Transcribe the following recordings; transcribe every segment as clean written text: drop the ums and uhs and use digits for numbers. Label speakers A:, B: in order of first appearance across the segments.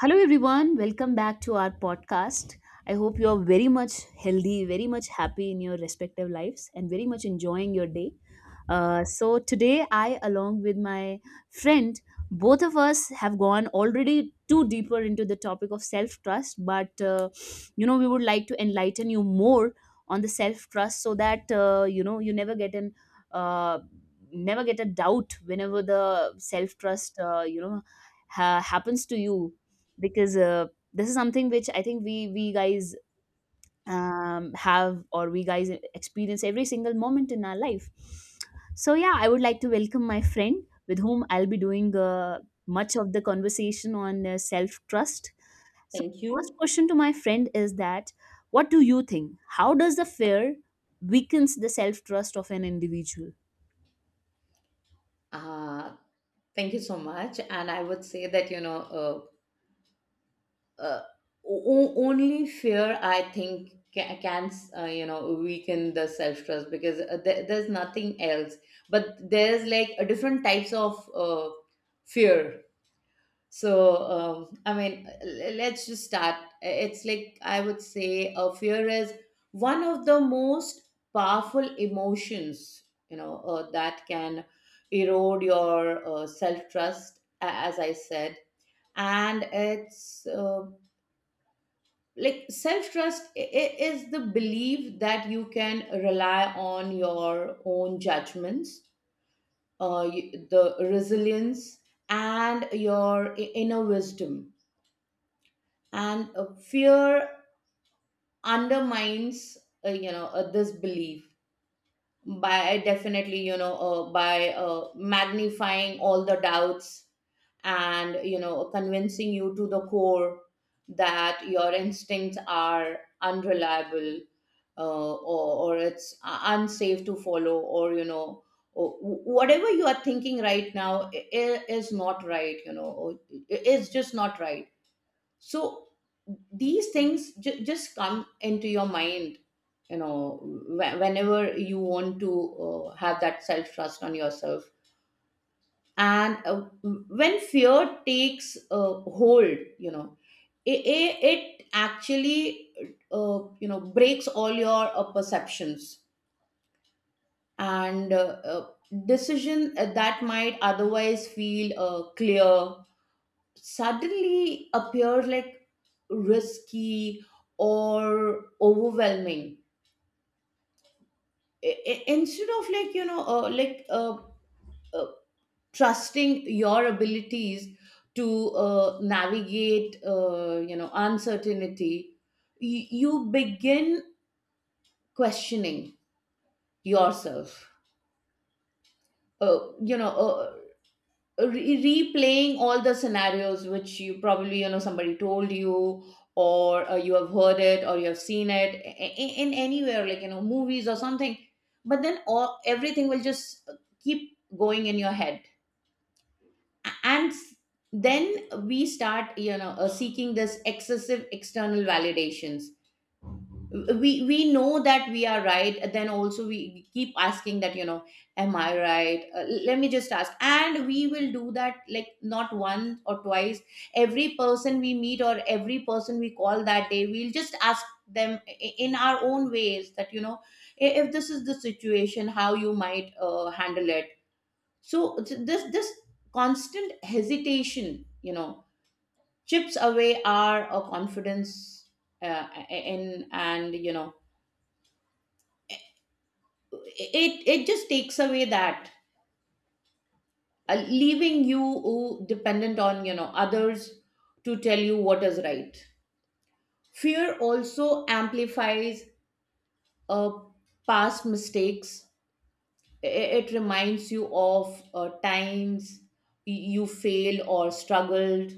A: Hello, everyone. Welcome back to our podcast. I hope you are very much healthy, very much happy in your respective lives, and very much enjoying your day. So, today, I, along with my friend, both of us have gone already too deeper into the topic of self trust. But, we would like to enlighten you more on the self trust so that, you never get an. Uh, Never get a doubt whenever the self trust happens to you because this is something which I think we guys have or we guys experience every single moment in our life. So yeah, I would like to welcome my friend with whom I'll be doing much of the conversation on self trust. So
B: Thank
A: first
B: you.
A: question to my friend is that, what do you think? How does the fear weakens the self trust of an individual?
B: Uh, Thank you so much. And I would say that, uh, only fear, I think, can weaken the self trust because there's nothing else. But there's like a different types of fear. So, I mean, let's just start. It's like I would say a fear is one of the most powerful emotions, that can erode your self trust, as I said. And it's like self trust is the belief that you can rely on your own judgments, the resilience, and your inner wisdom, and fear undermines this belief by definitely by magnifying all the doubts, and you know convincing you to the core that your instincts are unreliable, or it's unsafe to follow, or you know, or whatever you are thinking right now is not right, you know, or just not right. So these things just come into your mind, you know, whenever you want to have that self trust on yourself. And when fear takes hold, you know, it actually breaks all your perceptions, and uh, decision that might otherwise feel clear suddenly appear like risky or overwhelming. Instead of like uh, trusting your abilities to navigate you know uncertainty, you begin questioning yourself, uh, you know uh, re- replaying all the scenarios which you probably you know somebody told you, or you have heard it, or you have seen it in anywhere like you know movies or something. But then all everything will just keep going in your head. and s- then we start, you know, seeking this excessive external validations. We know that we are right, then also we keep asking that, you know, am I right? Let me just ask. And we will do that like not once or twice, every person we meet or every person we call that day we'll just ask them, in our own ways, that you know, if this is the situation, how you might handle it. So this constant hesitation, you know, chips away our confidence, in and you know it it just takes away that, leaving you dependent on you know others to tell you what is right. Fear also amplifies uh, past mistakes. It reminds you of times you failed or struggled,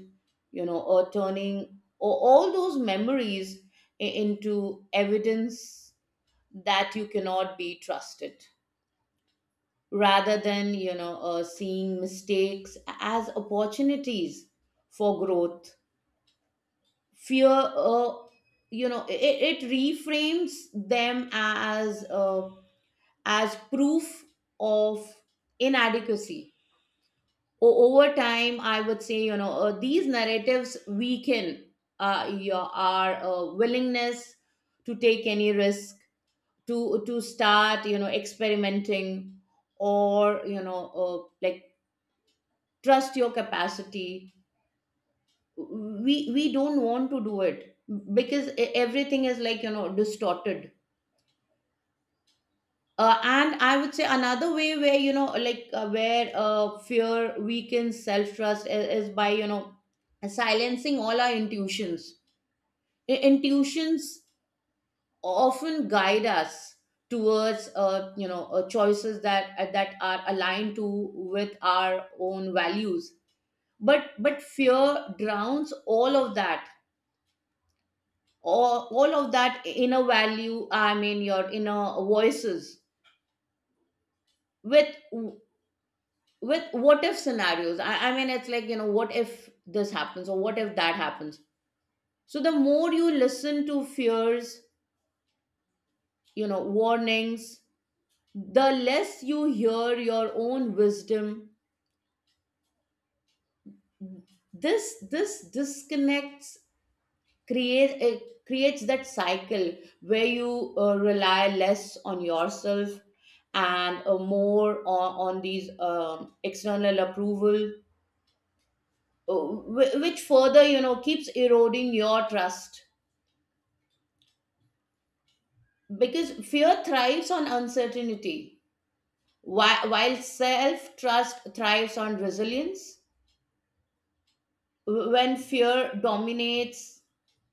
B: you know, or turning, or all those memories into evidence that you cannot be trusted. Rather than, you know, seeing mistakes as opportunities for growth, fear, it reframes them as proof of inadequacy. Over time, I would say, you know, these narratives weaken your our willingness to take any risk, to start, you know, experimenting, or you know, like trust your capacity. We don't want to do it because everything is like, you know, distorted. And I would say another way where, you know, like where fear weakens self trust is by, you know, silencing all our intuitions. Intuitions often guide us towards choices that that are aligned to with our own values. But fear drowns all of that, all of that inner value, I mean your inner voices, with with what if scenarios. I mean it's like, you know, what if this happens or what if that happens. So the more you listen to fears, you know, warnings, the less you hear your own wisdom. This disconnects, create it creates that cycle where you rely less on yourself, and more on these external approval, uh, which further, you know, keeps eroding your trust, because fear thrives on uncertainty, while self trust thrives on resilience. When fear dominates,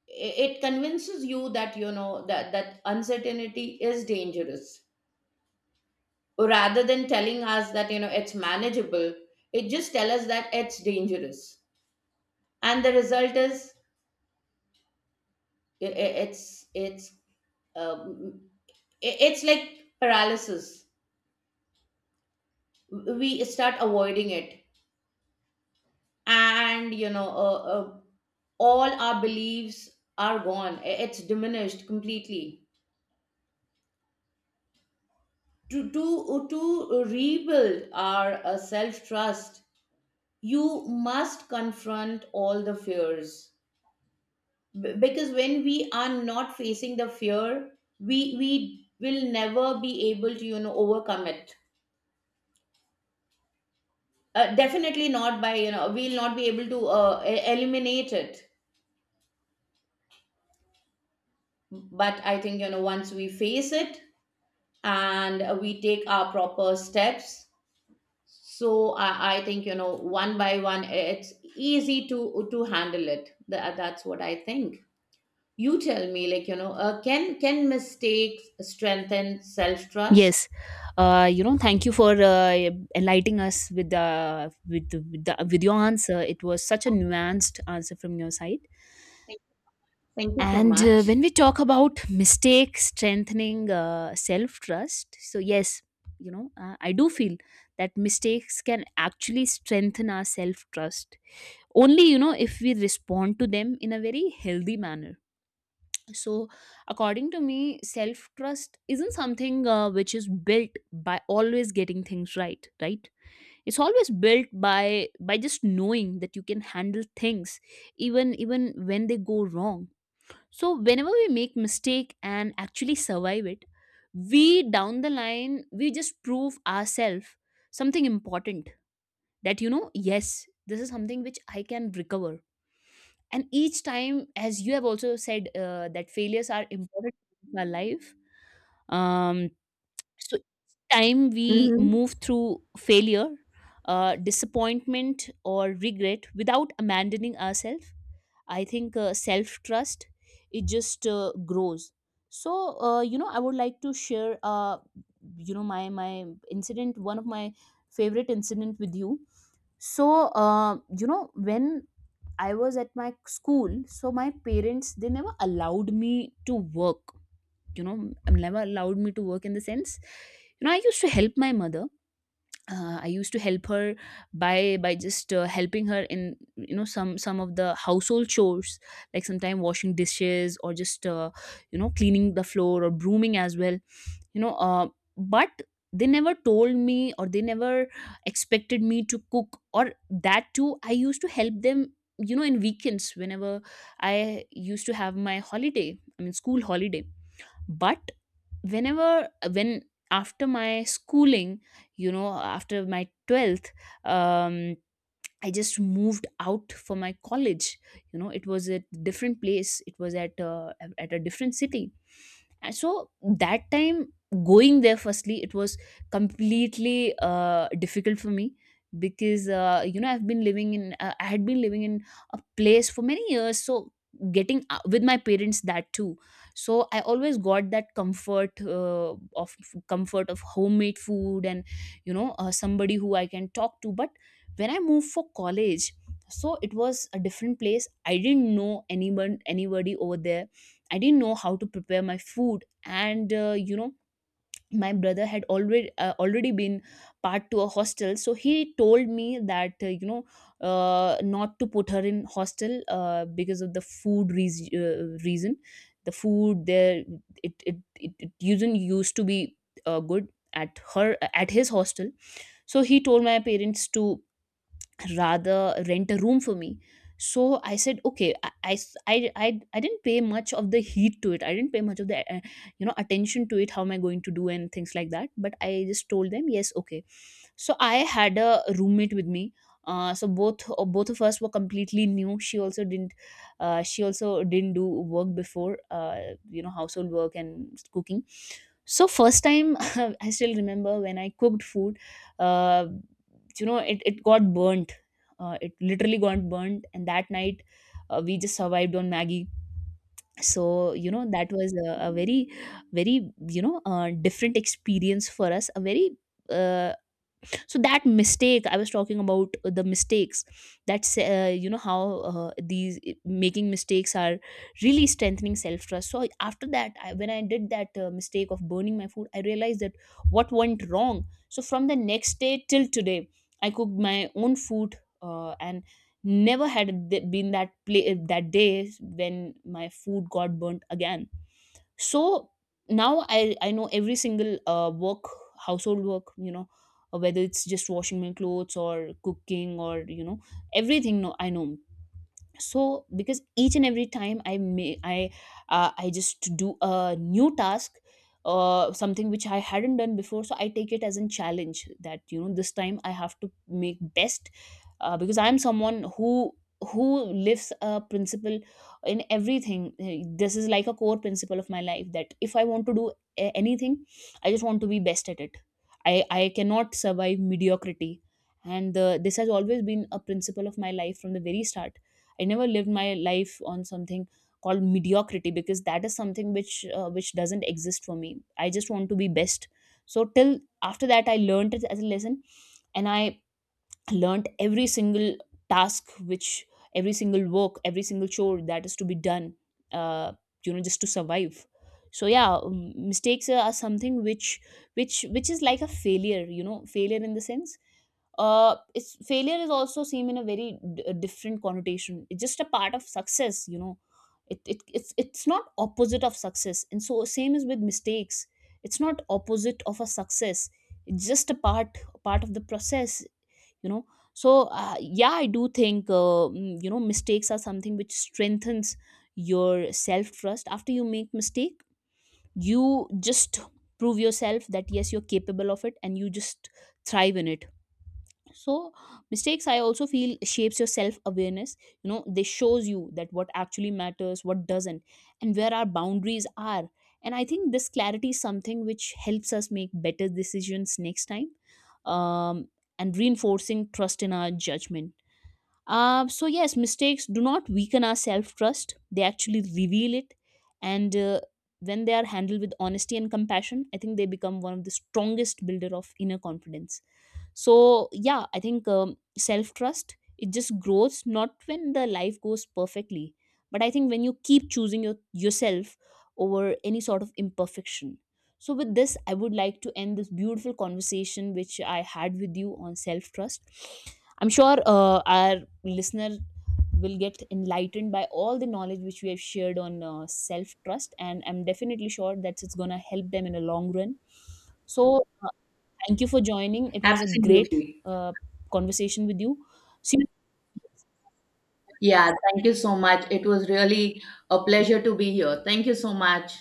B: it convinces you that, you know, that uncertainty is dangerous. Or rather than telling us that, you know, it's manageable, it just tell us that it's dangerous. And the result is, i- i- it's it's um, it's like paralysis. We start avoiding it, and you know, all our beliefs are gone. It's diminished completely. To rebuild our self trust, you must confront all the fears. Because when we are not facing the fear, we will never be able to, you know, overcome it. Definitely not by, you know, we'll not be able to eliminate it. But I think, you know, once we face it, and we take our proper steps, so I think, you know, one by one it's easy to handle it. That's what I think. You tell me, like, you know, can mistakes strengthen self trust?
A: Yes, thank you for enlightening us with your answer. It was such a nuanced answer from your side. Thank
B: Thank you so
A: And when
B: much.
A: we talk about mistake strengthening self trust, so yes, I do feel that mistakes can actually strengthen our self trust only, if we respond to them in a very healthy manner. So according to me, self trust isn't something which is built by always getting things right. It's always built by just knowing that you can handle things even when they go wrong. So whenever we make mistake and actually survive it, we down the line we just prove ourselves something important, that yes, this is something which I can recover. And each time, as you have also said, that failures are important in our life. um so each time we
B: Mm-hmm.
A: move through failure, disappointment or regret without abandoning ourselves, I think self trust it just grows. So I would like to share, my incident, one of my favorite incident with you. So uh, you know when I was at my school, so my parents, they never allowed me to work. Never allowed me to work in the sense, I used to help my mother. I used to help her by just helping her in, some of the household chores, like sometimes washing dishes or just cleaning the floor or brooming as well. you know uh, but they never told me or they never expected me to cook, or that too I used to help them, in weekends whenever I used to have my holiday, I mean school holiday. But whenever when after my schooling, after my 12th, um I just moved out for my college. It was a different place. It was at a different city. And so that time going there, firstly, it was completely difficult for me because I had been living in a place for many years. So getting out with my parents, that too, so I always got that comfort of homemade food and, somebody who I can talk to. But when I moved for college, so it was a different place, I didn't know anyone anybody over there. I didn't know how to prepare my food. And my brother had already been part to a hostel. So he told me that, not to put her in hostel because of the food reas reason. The food there, it not used to be good at his hostel. So he told my parents to rather rent a room for me. So I said okay. I i s- I- I- I didn't pay much of the heat to it I didn't pay much of the attention to it, how am I going to do and things like that. But I just told them yes, okay. So I had a roommate with me. So both of us were completely new. She also didn't do work before, household work and cooking. So first time, I still remember when I cooked food. uh, it got burnt. It literally got burnt. And that night, we just survived on maggie. So that was a very, very, different experience for us, a very uh, so that mistake I was talking about, the mistakes, that's how these making mistakes are really strengthening self trust. So after that, when I did that mistake of burning my food, I realized that what went wrong. So from the next day till today, I cooked my own food. And never had been that play, that day when my food got burnt again. So now I know every single work household work, whether it's just washing my clothes or cooking or, everything, no I know. So because each and every time I may I just do a new task, something which I hadn't done before. So I take it as a challenge that, this time I have to make best, because I'm someone who lives a principle in everything. This is like a core principle of my life, that if I want to do anything, I just want to be best at it. I cannot survive mediocrity. And this has always been a principle of my life from the very start. I never lived my life on something called mediocrity, because that is something which doesn't exist for me. I just want to be best. So till after that, I learned it as a lesson, and I learned every single task, which, every single work, every single chore that is to be done, uh, just to survive. So yeah, mistakes are something which is like a failure, failure in the sense. It's failure is also seen in a very different connotation. It's just a part of success. It's not opposite of success, and so same is with mistakes. It's not opposite of a success, it's just a part of the process you know so yeah, I do think, mistakes are something which strengthens your self trust. After you make mistake, you just prove yourself that yes, you're capable of it and you just thrive in it. So mistakes, I also feel, shapes your self awareness. They shows you that what actually matters, what doesn't, and where our boundaries are. And I think this clarity is something which helps us make better decisions next time, um, and reinforcing trust in our judgment. So yes, mistakes do not weaken our self trust, they actually reveal it. And when they are handled with honesty and compassion, I think they become one of the strongest builder of inner confidence. So yeah, I think, self trust, it just grows, not when the life goes perfectly, but I think when you keep choosing yourself over any sort of imperfection. So with this, I would like to end this beautiful conversation which I had with you on self trust. I'm sure, our listener will get enlightened by all the knowledge which we have shared on self trust, and I'm definitely sure that it's going to help them in the long run. So thank you for joining. It was a great
B: Absolutely.
A: uh, conversation with you. See you
B: Yeah, thank you so much. It was really a pleasure to be here. Thank you so much.